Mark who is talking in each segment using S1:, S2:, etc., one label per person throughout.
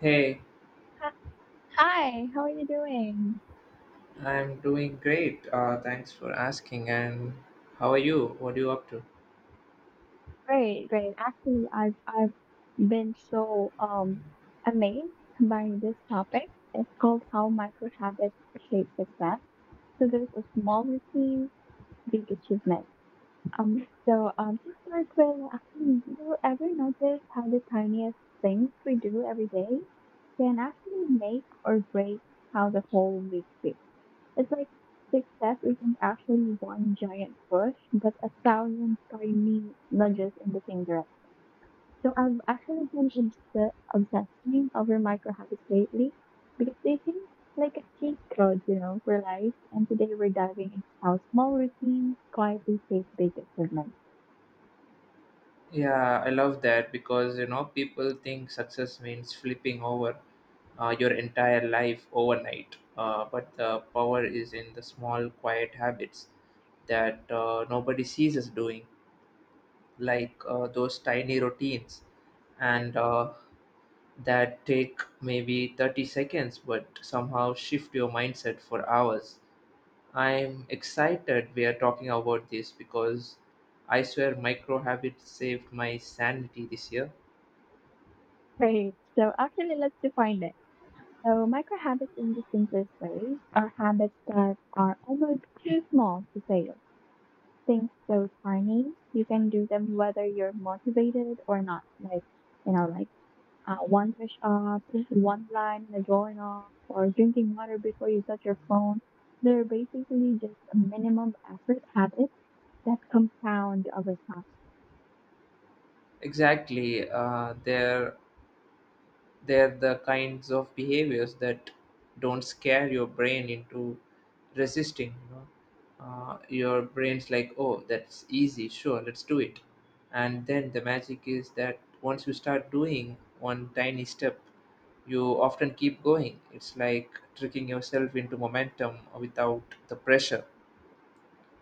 S1: Hey,
S2: Uh, Hi, how are you doing?
S1: I'm doing great. Thanks for asking. And how are you? What are you up to?
S2: Great, great. Actually, I've been so amazed by this topic. It's called How Micro Habits Shape Success. So there's a small routine, big achievement. To start with, actually, do you ever notice how the tiniest things we do every day can actually make or break how the whole week feels? It's like success isn't actually one giant push, but a thousand tiny nudges in the same direction. So I've actually been obsessing over micro habits lately because they seem like a cheat code, for life. And today we're diving into how small routines quietly shape big achievements.
S1: Yeah, I love that because you know people think success means flipping over your entire life overnight. But the power is in the small, quiet habits that nobody sees us doing, like those tiny routines, and that take maybe 30 seconds, but somehow shift your mindset for hours. I'm excited we are talking about this because I swear micro habits saved my sanity this year.
S2: Great. So actually, let's define it. So micro habits, in the simplest way, are habits that are almost too small to fail, things so tiny you can do them whether you're motivated or not. Like, you know, like one push up, one line in a drawing off, or drinking water before you touch your phone. They're basically just a minimum effort habit that compound over time.
S1: Exactly, they're the kinds of behaviors that don't scare your brain into resisting. You know, your brain's like, "Oh, that's easy. Sure, let's do it." And then the magic is that once you start doing one tiny step, you often keep going. It's like tricking yourself into momentum without the pressure.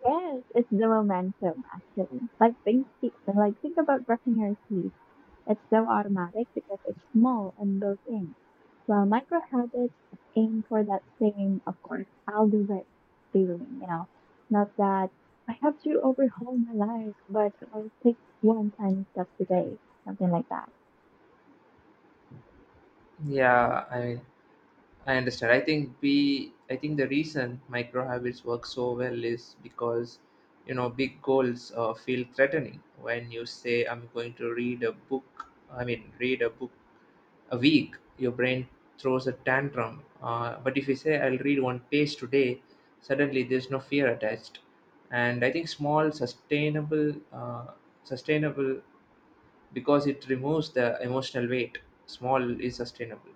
S2: Yes, it's the momentum actually. Like think about brushing your teeth. It's so automatic because it's small and built in. While micro habits aim for that same "of course, I'll do it" feeling, Not that I have to overhaul my life, but I'll take one tiny step today, something like that.
S1: Yeah, I mean, I understand. I think the reason micro habits work so well is because you know big goals feel threatening. When you say I'm going to read a book a week, your brain throws a tantrum, but if you say I'll read one page today, suddenly there's no fear attached. And I think small sustainable sustainable because it removes the emotional weight. Small is sustainable.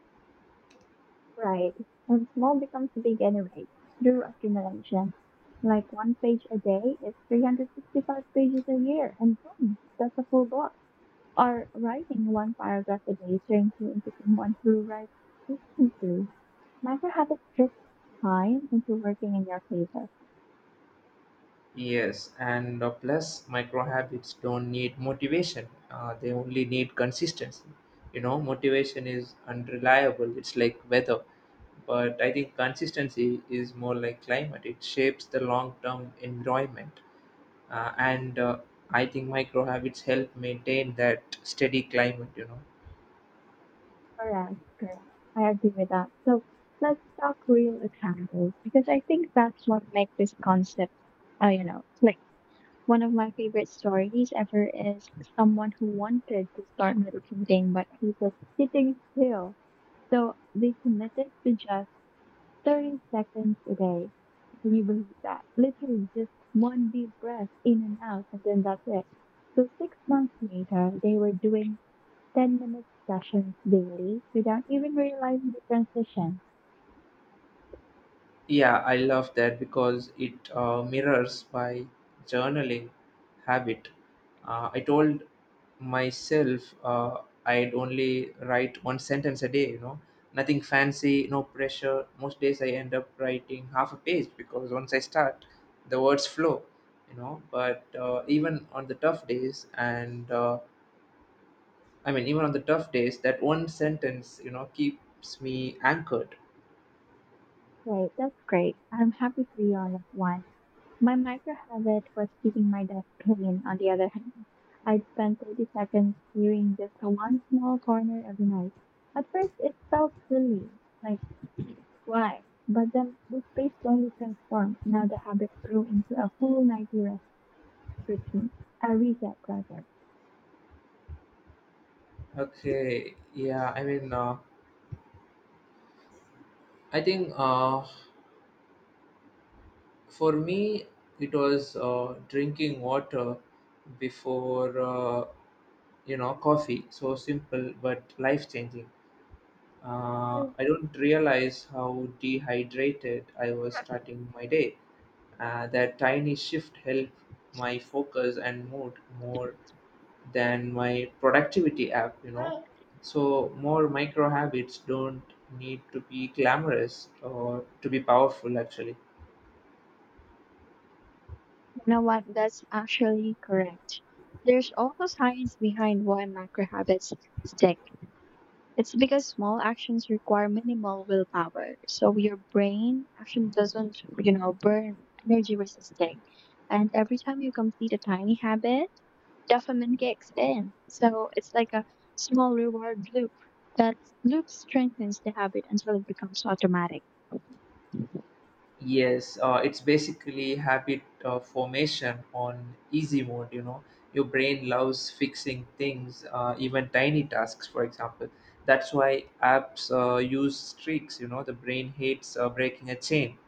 S2: Right. And small becomes big anyway, through accumulation. Like one page a day is 365 pages a year, and boom, that's a full book. Or writing one paragraph a day turns you into someone who writes frequently. Microhabits shift time into working in your favor.
S1: Yes, and plus micro habits don't need motivation. They only need consistency. You know, motivation is unreliable. It's like weather. But I think consistency is more like climate. It shapes the long-term environment. And I think micro habits help maintain that steady climate, you know.
S2: Correct, correct. I agree with that. So let's talk real examples because I think that's what makes this concept, click. One of my favorite stories ever is someone who wanted to start meditating, but he was sitting still. So they committed to just 30 seconds a day. Can you believe that? Literally just one deep breath in and out, and then that's it. So 6 months later, they were doing 10-minute sessions daily without even realizing the transition.
S1: Yeah, I love that because it mirrors my journaling habit. I told myself I'd only write one sentence a day, you know, nothing fancy, no pressure. Most days I end up writing half a page because once I start, the words flow, you know. But even on the tough days, and I mean, even on the tough days, that one sentence, you know, keeps me anchored.
S2: Great, that's great. I'm happy for you all of one. My micro habit was keeping my desk clean, on the other hand. I'd spend 30 seconds clearing just one small corner every night. At first, it felt silly, like, why? But then this space slowly transformed. Now the habit grew into a full nightly rest routine, a reset rather.
S1: Okay, yeah, I mean, I think for me, it was drinking water before, you know, coffee. So simple, but life changing.
S2: You
S1: I don't realize how dehydrated I was starting my day. That tiny shift helped my focus and mood more than my productivity app, you know. So, more micro habits don't need to be glamorous or to be powerful, actually.
S2: know what? That's actually correct. There's also science behind why macro habits stick. It's because small actions require minimal willpower. So your brain actually doesn't, burn energy resisting. And every time you complete a tiny habit, dopamine kicks in. So it's like a small reward loop. That loop strengthens the habit until it becomes automatic.
S1: Yes, it's basically habit formation on easy mode. You know, your brain loves fixing things, even tiny tasks, for example. That's why apps use streaks. You know, the brain hates breaking a chain.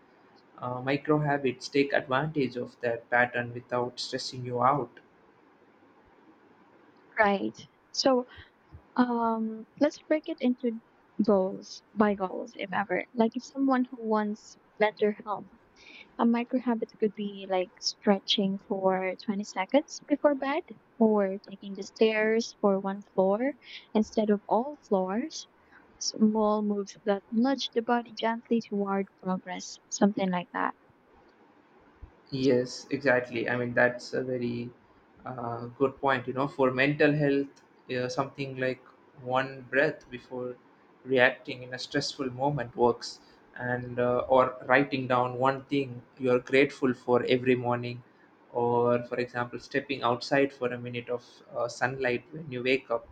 S1: Micro habits take advantage of that pattern without stressing you out.
S2: Right. So let's break it into goals by goals, if ever. Like if someone who wants better health, a micro habit could be like stretching for 20 seconds before bed or taking the stairs for one floor instead of all floors. Small moves that nudge the body gently toward progress, something like that.
S1: Yes, exactly. I mean, that's a very good point. You know, for mental health, something like one breath before reacting in a stressful moment works, and or writing down one thing you're grateful for every morning, or for example, stepping outside for a minute of sunlight when you wake up.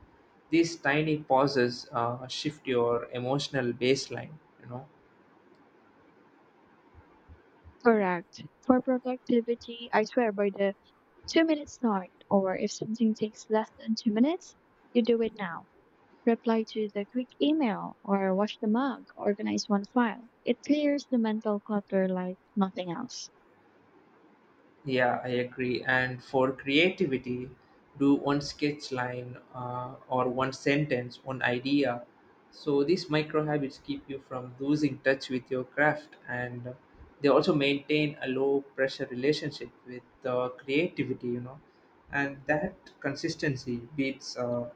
S1: These tiny pauses shift your emotional baseline. You know.
S2: Correct. For productivity, I swear by the 2 minutes start, or if something takes less than 2 minutes, you do it now. Reply to the quick email or wash the mug, organize one file. It clears the mental clutter like nothing else.
S1: Yeah, I agree. And for creativity, do one sketch line or one sentence, one idea. So these micro habits keep you from losing touch with your craft, and they also maintain a low pressure relationship with creativity. You know, and that consistency beats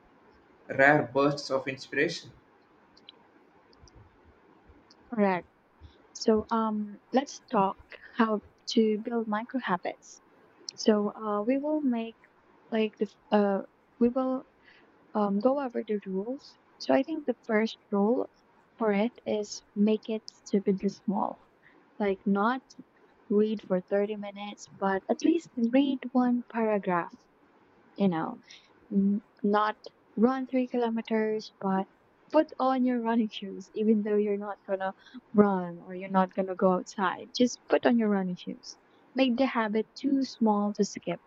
S1: rare bursts of inspiration.
S2: Correct. Let's talk how to build micro habits. So we will make like the f- We will go over the rules. So I think the first rule for it is make it stupidly small. Like not read for 30 minutes, but at least read one paragraph, you know, not run 3 kilometers, but put on your running shoes, even though you're not gonna run or you're not gonna go outside. Just put on your running shoes. Make the habit too small to skip.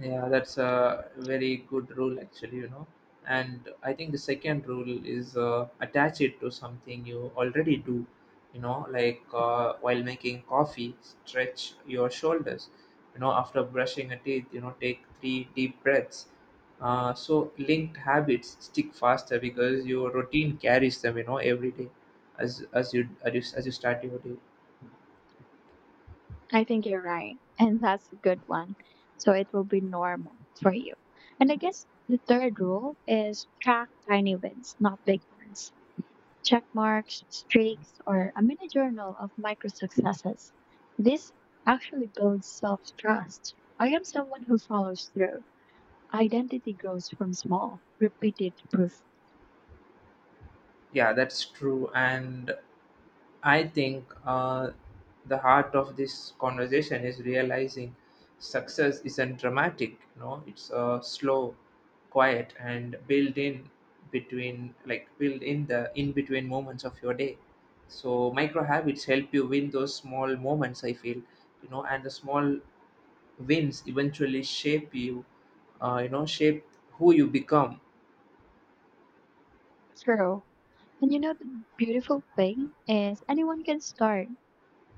S1: Yeah, that's a very good rule actually, you know. And I think the second rule is attach it to something you already do, you know, like while making coffee, stretch your shoulders, you know, after brushing your teeth, you know, take three deep breaths. So linked habits stick faster because your routine carries them, you know, every day as you start your day.
S2: I think you're right. And that's a good one. So it will be normal for you. And I guess the third rule is track tiny wins, not big ones, check marks, streaks, or a mini journal of micro successes. This actually builds self trust. I am someone who follows through. Identity grows from small, repeated proof
S1: Yeah, that's true. And I think the heart of this conversation is realizing success isn't dramatic. You know, it's slow, quiet, and built in between, like built in the in between moments of your day. So micro habits help you win those small moments. I feel, you know, and the small wins eventually shape you. You know, shape who you become.
S2: through. And you know, the beautiful thing is anyone can start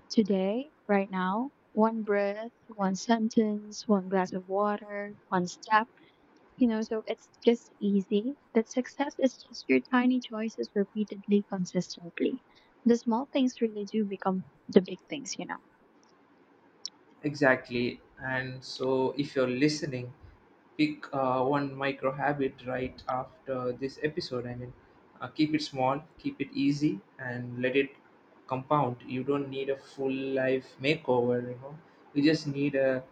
S2: today, right now, one breath, one sentence, one glass of water, one step. You know, so it's just easy that success is just your tiny choices repeatedly, consistently. The small things really do become the big things,
S1: Exactly. And so, if you're listening, pick one micro habit right after this episode. I mean, keep it small, keep it easy, and let it compound. You don't need a full life makeover, you know. You just need a,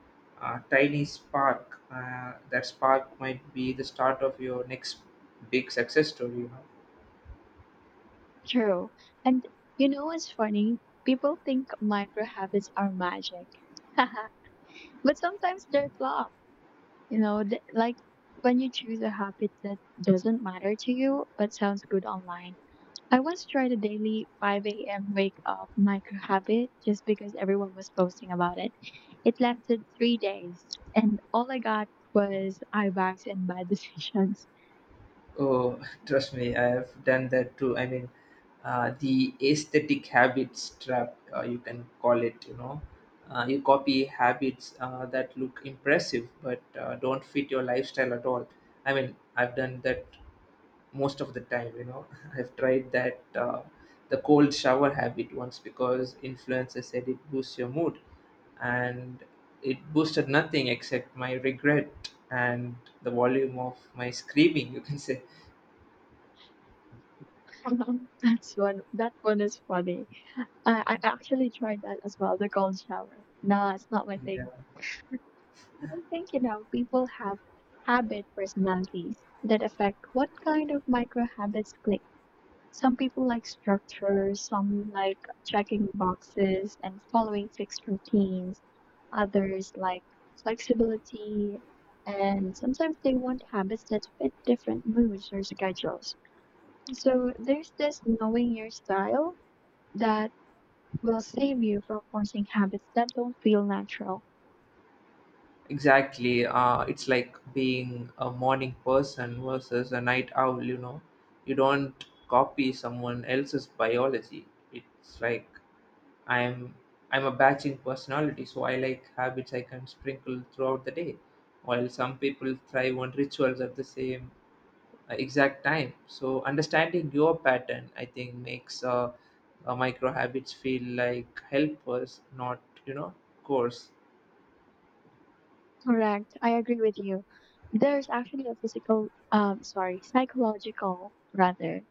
S1: tiny spark. That spark might be the start of your next big success story. You know?
S2: True. And you know what's funny? People think micro habits are magic. But sometimes they're flawed. Like when you choose a habit that doesn't matter to you but sounds good online. I once tried a daily 5 a.m. wake up micro habit just because everyone was posting about it. It lasted 3 days, and all I got was eye bags and bad decisions.
S1: Oh, trust me, I have done that too. I mean, the aesthetic habits trap, you can call it, you know. You copy habits that look impressive but don't fit your lifestyle at all. I mean, I've done that most of the time, you know. I've tried that, the cold shower habit once because influencers said it boosts your mood, and it boosted nothing except my regret and the volume of my screaming, you can say.
S2: That's one. That one is funny. I actually tried that as well. The cold shower. No, it's not my
S1: Yeah.
S2: thing. But I think, people have habit personalities that affect what kind of micro habits click. Some people like structure, some like checking boxes and following fixed routines, others like flexibility, and sometimes they want habits that fit different moods or schedules. So there's this knowing your style that will save you from forcing habits that don't feel natural.
S1: Exactly. It's like being a morning person versus a night owl, you know. You don't copy someone else's biology. It's like I'm I'm a batching personality, so I like habits I can sprinkle throughout the day, while some people thrive on rituals at the same exact time. So understanding your pattern, I think, makes micro habits feel like helpers, not, you know, course.
S2: Correct. I agree with you. There's actually a physical, sorry, psychological rather,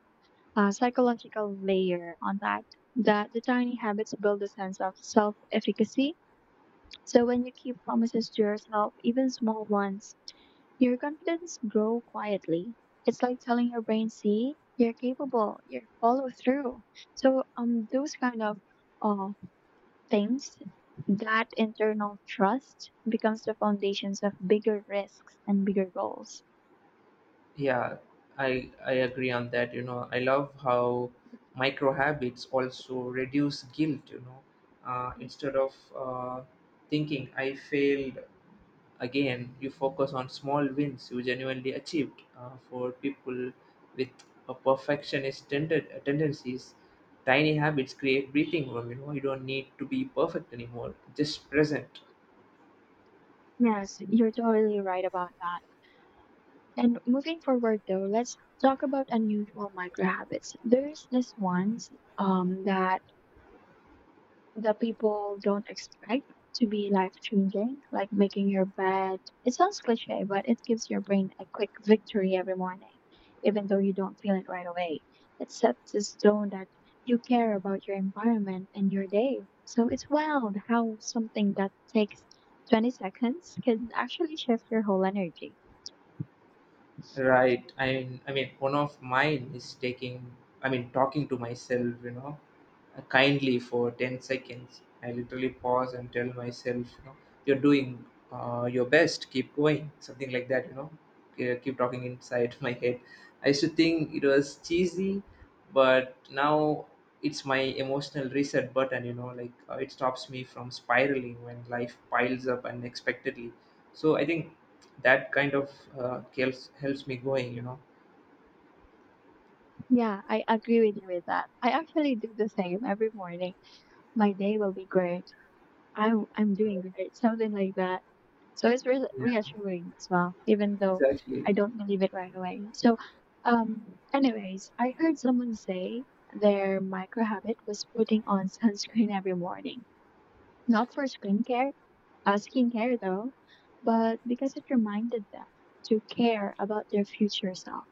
S2: psychological layer on that. That the tiny habits build a sense of self-efficacy. So when you keep promises to yourself, even small ones, your confidence grow quietly. It's like telling your brain, "See, you're capable. You follow through." So those kind of uh, things, that internal trust becomes the foundations of bigger risks and bigger goals.
S1: Yeah, I agree on that. You know, I love how micro habits also reduce guilt. You know, instead of thinking I failed again, you focus on small wins you genuinely achieved. For people with a perfectionist tendencies, tiny habits create breathing room. You know, you don't need to be perfect anymore, just present.
S2: Yes, you're totally right about that. And moving forward, though, let's talk about unusual micro habits. There's this one's that That people don't expect to be life changing, like making your bed. It sounds cliche, but it gives your brain a quick victory every morning, even though you don't feel it right away. It sets the tone that you care about your environment and your day. So it's wild how something that takes 20 seconds can actually shift your whole energy.
S1: Right. One of mine is taking. I mean, talking to myself. You know, kindly for 10 seconds. I literally pause and tell myself, you know, you're doing your best. Keep going. Something like that. You know, keep talking inside my head. I used to think it was cheesy, but now it's my emotional reset button. You know, like it stops me from spiraling when life piles up unexpectedly. So I think that kind of helps me going, you know.
S2: Yeah, I agree with you with that. I actually do the same every morning. My day will be great, I'm doing great, something like that. So it's
S1: Yeah,
S2: reassuring as well, even though
S1: exactly.
S2: I don't believe it right away. Um, Anyways, I heard someone say their micro habit was putting on sunscreen every morning, not for skincare, skincare though, but because it reminded them to care about their future self.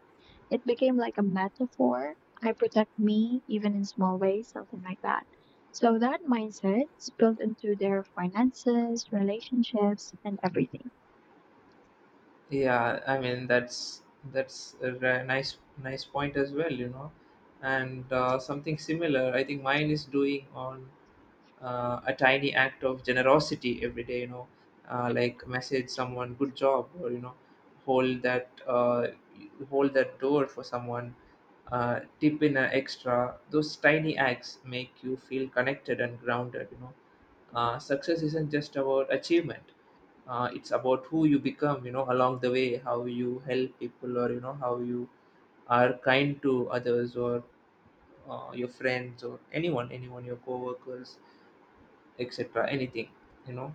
S2: It became like a metaphor. I protect me even in small ways, something like that. So that mindset spilled into their finances, relationships, and everything.
S1: Yeah, I mean that's a nice point as well, you know. And something similar, I think mine is doing on a tiny act of generosity every day, you know. Like message someone good job, or you know, hold that uh, hold that door for someone, tip in an extra. Those tiny acts make you feel connected and grounded, you know. Success isn't just about achievement, it's about who you become, you know, along the way. How you help people, or you know how you are kind to others, or your friends, or anyone, your coworkers, etc. Anything, you know.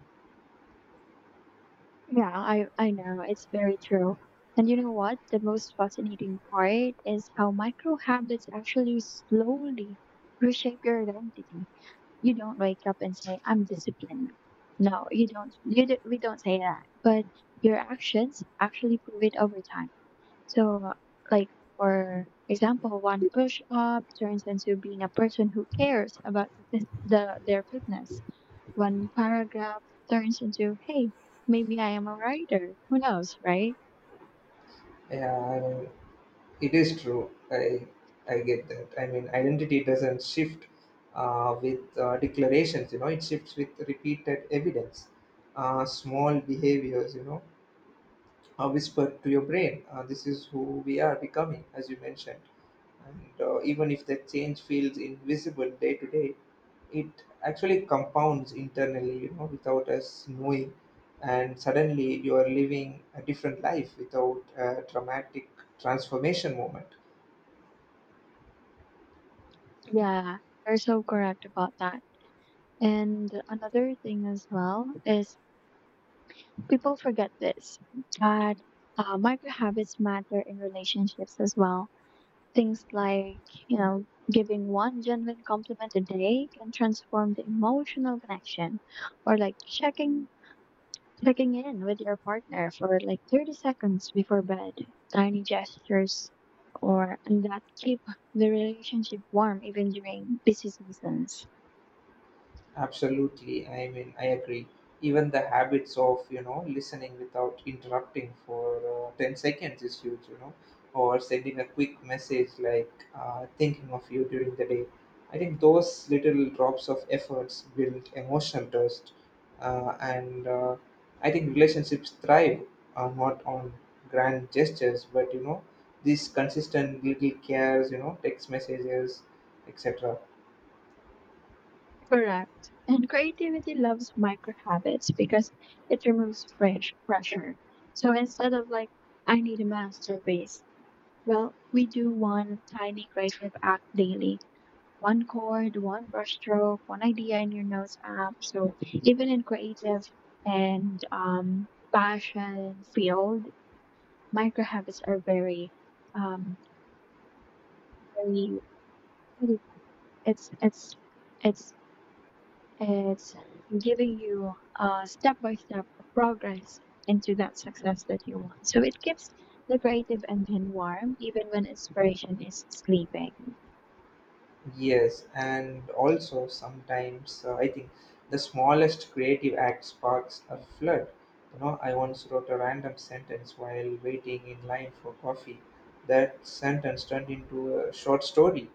S2: Yeah, I know. It's very true. And you know what? The most fascinating part is how micro habits actually slowly reshape your identity. You don't wake up and say, "I'm disciplined." No, you don't. You do, we don't say that. But your actions actually prove it over time. So, like, for example, one push up turns into being a person who cares about their fitness. One paragraph turns into, hey, maybe I am a writer. Who knows, right?
S1: Yeah, I mean, it is true. I get that. I mean, identity doesn't shift with declarations. You know, it shifts with repeated evidence, small behaviors. You know, a whisper to your brain. This is who we are becoming, as you mentioned. And even if the change feels invisible day to day, it actually compounds internally, you know, without us knowing. And suddenly you are living a different life without a dramatic transformation moment.
S2: Yeah, you're so correct about that. And another thing as well is people forget this, but micro habits matter in relationships as well. Things like, you know, giving one genuine compliment a day can transform the emotional connection, or like checking in with your partner for like 30 seconds before bed. Tiny gestures or and that keep the relationship warm even during busy seasons.
S1: Absolutely. I mean, I agree. Even the habits of, you know, listening without interrupting for 10 seconds is huge, you know, or sending a quick message like thinking of you during the day. I think those little drops of efforts build emotional trust. And I think relationships thrive not on grand gestures, but, you know, these consistent little cares, you know, text messages, etc.
S2: Correct. And creativity loves micro habits because it removes fresh pressure. So instead of like, I need a masterpiece, well, we do one tiny creative act daily. One chord, one brushstroke, one idea in your notes app. So even in creative and passion field, micro habits are very, um, very. It's it's it's it's giving you a step by step progress into that success that you want. So it keeps the creative engine warm even when inspiration is sleeping.
S1: Yes, and also sometimes I think the smallest creative act sparks a flood. You know, I once wrote a random sentence while waiting in line for coffee. That sentence turned into a short story,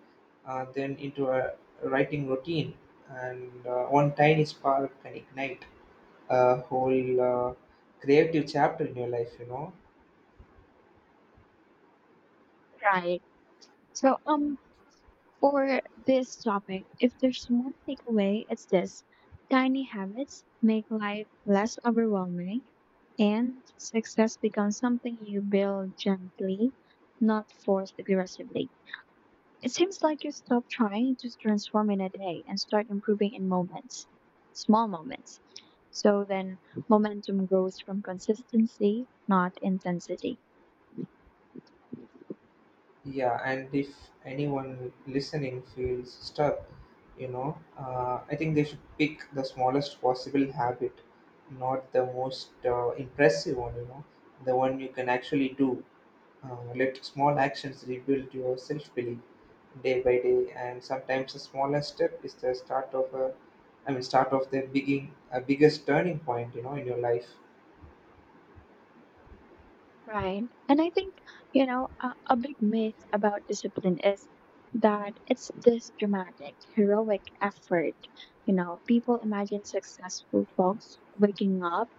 S1: then into a writing routine, and one tiny spark can ignite a whole creative chapter in your life, you know.
S2: Right. So, um, For this topic, if there's one takeaway, it's this: tiny habits make life less overwhelming, and success becomes something you build gently, not forced aggressively. It seems like you stop trying to transform in a day and start improving in moments, small moments. So then, momentum grows from consistency, not intensity.
S1: Yeah, and if anyone listening feels stuck, you know, I think they should pick the smallest possible habit, not the most impressive one, you know, the one you can actually do. Let small actions rebuild your self belief day by day, and sometimes the smallest step is the start of the beginning, a biggest turning point, you know, in your life.
S2: Right. And I think, a big myth about discipline is that it's this dramatic, heroic effort. You know, people imagine successful folks waking up,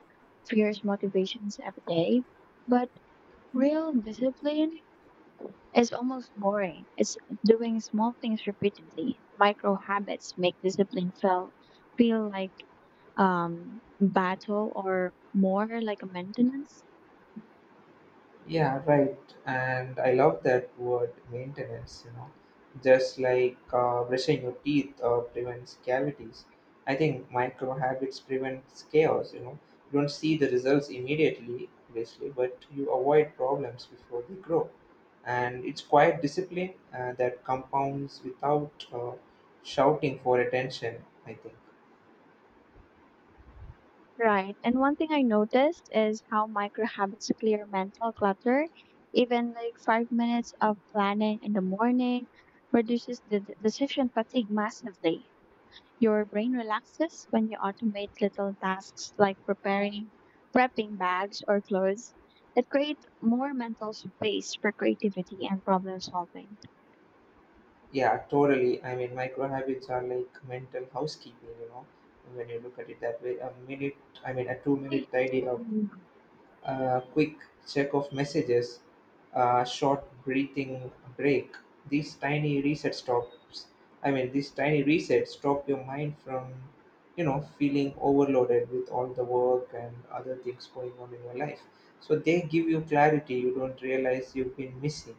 S2: fierce motivations every day. But real discipline is almost boring. It's doing small things repeatedly. Micro habits make discipline feel like battle or more like a maintenance.
S1: Yeah, right. And I love that word maintenance, you know, just like brushing your teeth prevents cavities. I think micro habits prevents chaos, you know. You don't see the results immediately, obviously, but you avoid problems before they grow. And it's quiet discipline that compounds without shouting for attention, I think.
S2: Right. And one thing I noticed is how micro habits clear mental clutter. Even like 5 minutes of planning in the morning reduces the decision fatigue massively. Your brain relaxes when you automate little tasks like preparing, prepping bags or clothes. It creates more mental space for creativity and problem solving.
S1: Yeah, totally. I mean, micro habits are like mental housekeeping, you know, when you look at it that way. A 2 minute tidy up,
S2: Mm.
S1: a quick check of messages, a short breathing break. These tiny reset stops, these tiny resets stop your mind from, you know, feeling overloaded with all the work and other things going on in your life. So they give you clarity you don't realize you've been missing.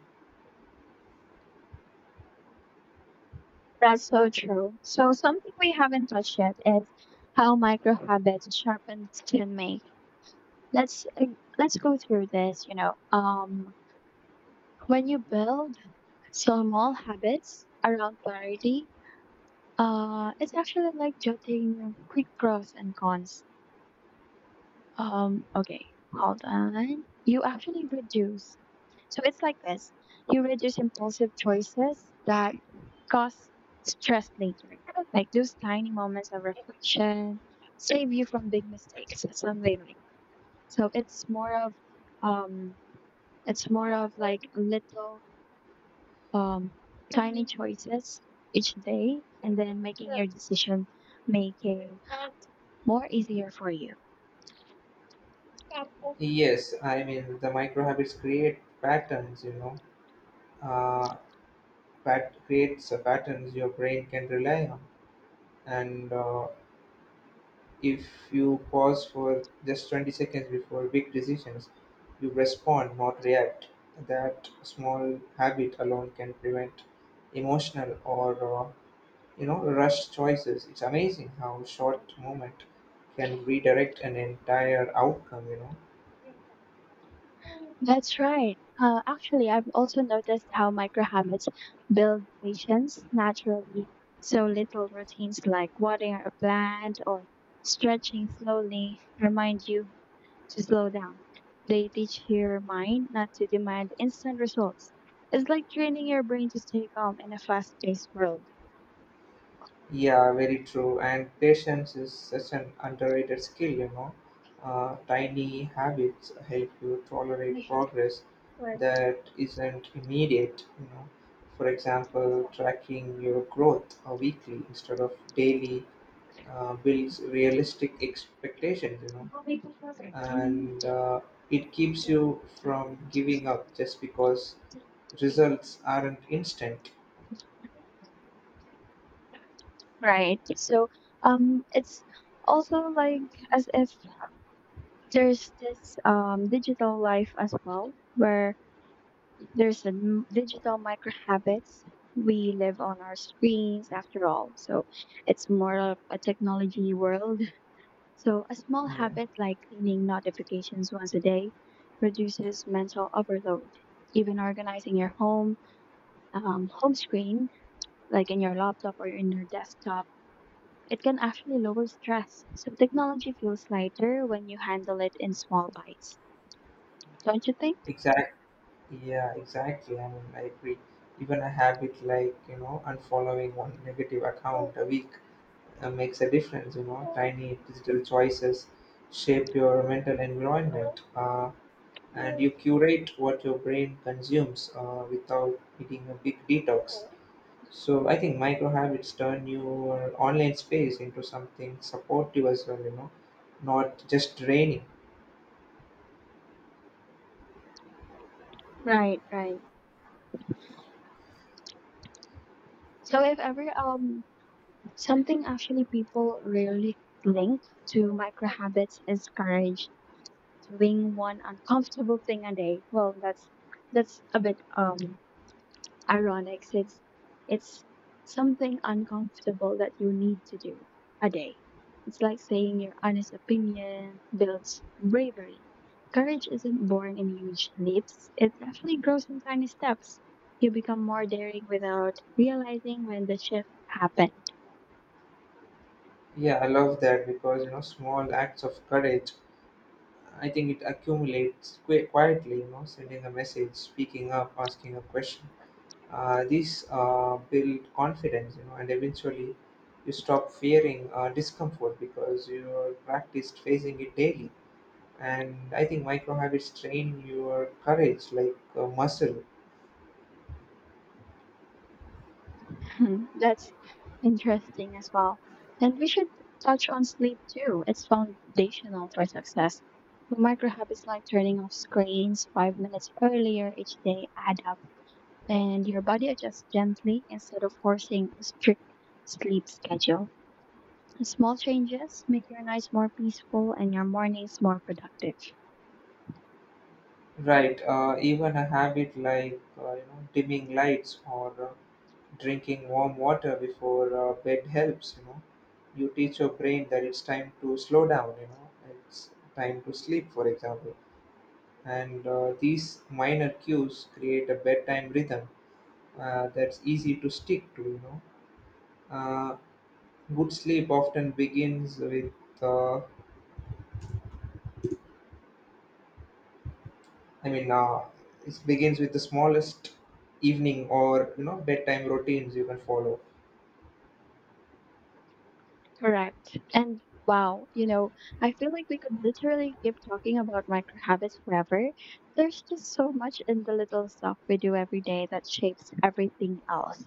S2: That's so true. So something we haven't touched yet is how micro habits sharpen decision making. Let's let's go through this, you know. When you build small habits around clarity, it's actually like jotting quick pros and cons. Okay, hold on, you actually reduce, so it's like this, you reduce impulsive choices that cause stress later, like those tiny moments of reflection save you from big mistakes, something like that. So it's more of, um it's more of like little, um, tiny choices each day, and then making your decision making more easier for you.
S1: Yes, I mean the micro habits create patterns. You know, uh, pat creates patterns your brain can rely on. And if you pause for just 20 seconds before big decisions, you respond, not react. That small habit alone can prevent emotional or you know rush choices. It's amazing how short moment can redirect an entire outcome. You know.
S2: That's right. Actually, I've also noticed how micro habits build patience naturally. So little routines like watering a plant or stretching slowly remind you to slow down. They teach your mind not to demand instant results. It's like training your brain to stay calm in a fast paced world.
S1: Yeah, very true. And patience is such an underrated skill, you know. Tiny habits help you tolerate progress that isn't immediate, you know. For example, tracking your growth weekly instead of daily builds realistic expectations, you know, and it keeps you from giving up just because
S2: Mm.
S1: results aren't instant.
S2: Right. So it's also like, as if there's this digital life as well, where there's the digital micro habits. We live on our screens after all. So it's more of a technology world. So a small
S1: Yeah,
S2: habit like cleaning notifications once a day reduces mental overload. Even organizing your home home screen, like in your laptop or in your desktop, it can actually lower stress. So technology feels lighter when you handle it in small bites. Don't you think?
S1: exactly. Yeah, exactly. I mean, I agree. Even a habit like, you know, unfollowing one negative account a week makes a difference, you know. Tiny digital choices shape your mental environment, and you curate what your brain consumes without needing a big detox. So I think micro habits turn your online space into something supportive as well, you know, not just draining.
S2: Right. So if ever, something actually people rarely link to micro habits is courage, doing one uncomfortable thing a day. Well, that's a bit ironics. It's something uncomfortable that you need to do a day. It's like saying your honest opinion builds bravery. Courage isn't born in huge leaps. It actually grows in tiny steps. You become more daring without realizing when the shift happens.
S1: Yeah, I love that because, you know, small acts of courage I think it accumulates quietly, you know, sending a message, speaking up, asking a question. These build confidence, you know, and eventually you stop fearing discomfort because you are practiced facing it daily. And I think micro habits train your courage like a muscle.
S2: Mhm. That's interesting as well. And we should touch on sleep too. It's foundational for success. The micro habits like turning off screens 5 minutes earlier each day add up, and your body adjusts gently instead of forcing a strict sleep schedule. Small changes make your nights more peaceful and your mornings more productive.
S1: Right. Even a habit like you know dimming lights or drinking warm water before bed helps, you know, you teach your brain that it's time to slow down, you know, it's time to sleep for example, and these minor cues create a bedtime rhythm that's easy to stick to, you know. uh, Good sleep often begins with uh, i mean uh, it begins with the smallest evening or, you know, bedtime routines you can follow.
S2: Correct. And wow, you know, I feel like we could literally keep talking about micro habits forever. There's just so much in the little stuff we do every day that shapes everything else.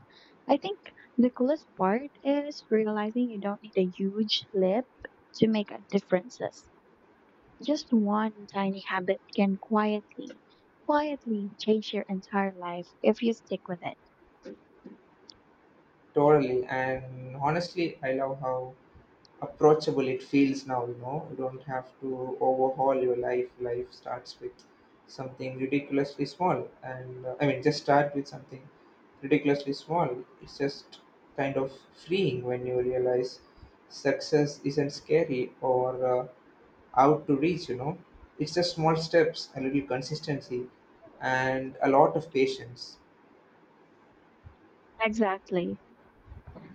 S2: I think the coolest part is realizing you don't need a huge leap to make a differences. Just one tiny habit can quietly change your entire life if you stick with it.
S1: Totally, and honestly, I love how approachable it feels now, you know. You don't have to overhaul your life. Life starts with something ridiculously small, and just start with something ridiculously small. It's just kind of freeing when you realize success isn't scary or uh, out to reach, you know. It's just small steps, a little consistency, and a lot of patience.
S2: Exactly.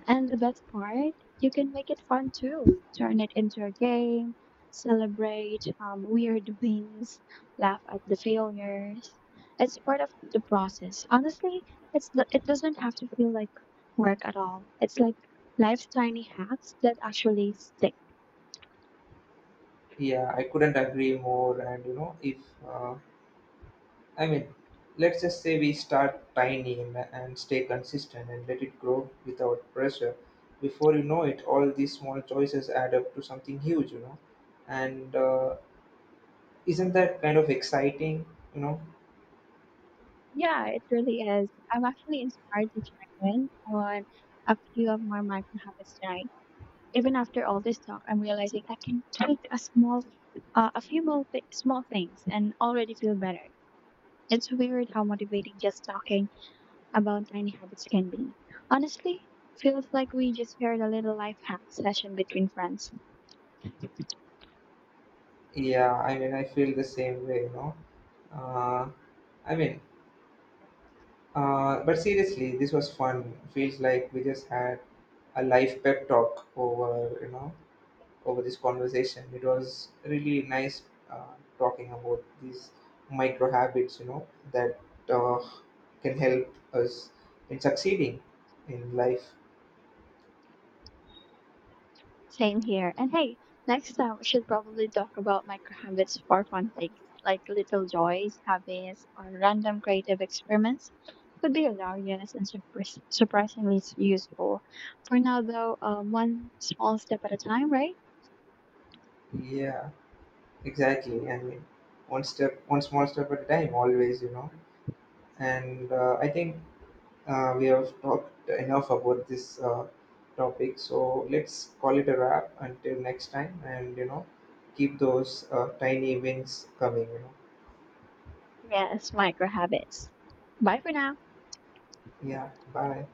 S2: And the best part, you can make it fun too. Turn it into a game, celebrate weird wins, laugh at the failures. It's part of the process. Honestly, it doesn't have to feel like work at all. It's like life's tiny hacks that actually stick.
S1: Yeah, I couldn't agree more. And you know, if uh, I mean, let's just say we start tiny and, stay consistent and let it grow without pressure. Before you know it, all these small choices add up to something huge, you know. And isn't that kind of exciting, you know?
S2: Yeah, it really is. I'm actually inspired to check in on a few of my micro habits tonight. Even after all this talk, I'm realizing I can tweak a small, a few more small things and already feel better. It's weird how motivating just talking about tiny habits can be. Honestly, feels like we just shared a little life hack session between friends.
S1: Yeah, I mean, I feel the same way, you know. Uh, I mean, but seriously, this was fun. Feels like we just had a life pep talk over, you know, over this conversation. It was really nice talking about these micro habits, you know, that uh, can help us in succeeding in life.
S2: Same here. And hey, next time we should probably talk about micro habits for fun things, like little joys, hobbies, or random creative experiments. Could be hilarious and surprisingly useful. For now, though, one small step at a time, right?
S1: Yeah, exactly. I mean, one small step at a time, always, you know. And I think we have talked enough about this topic, so let's call it a wrap until next time. And you know, keep those tiny wins coming. You know.
S2: Yes, micro habits. Bye for now.
S1: Yeah. Bye.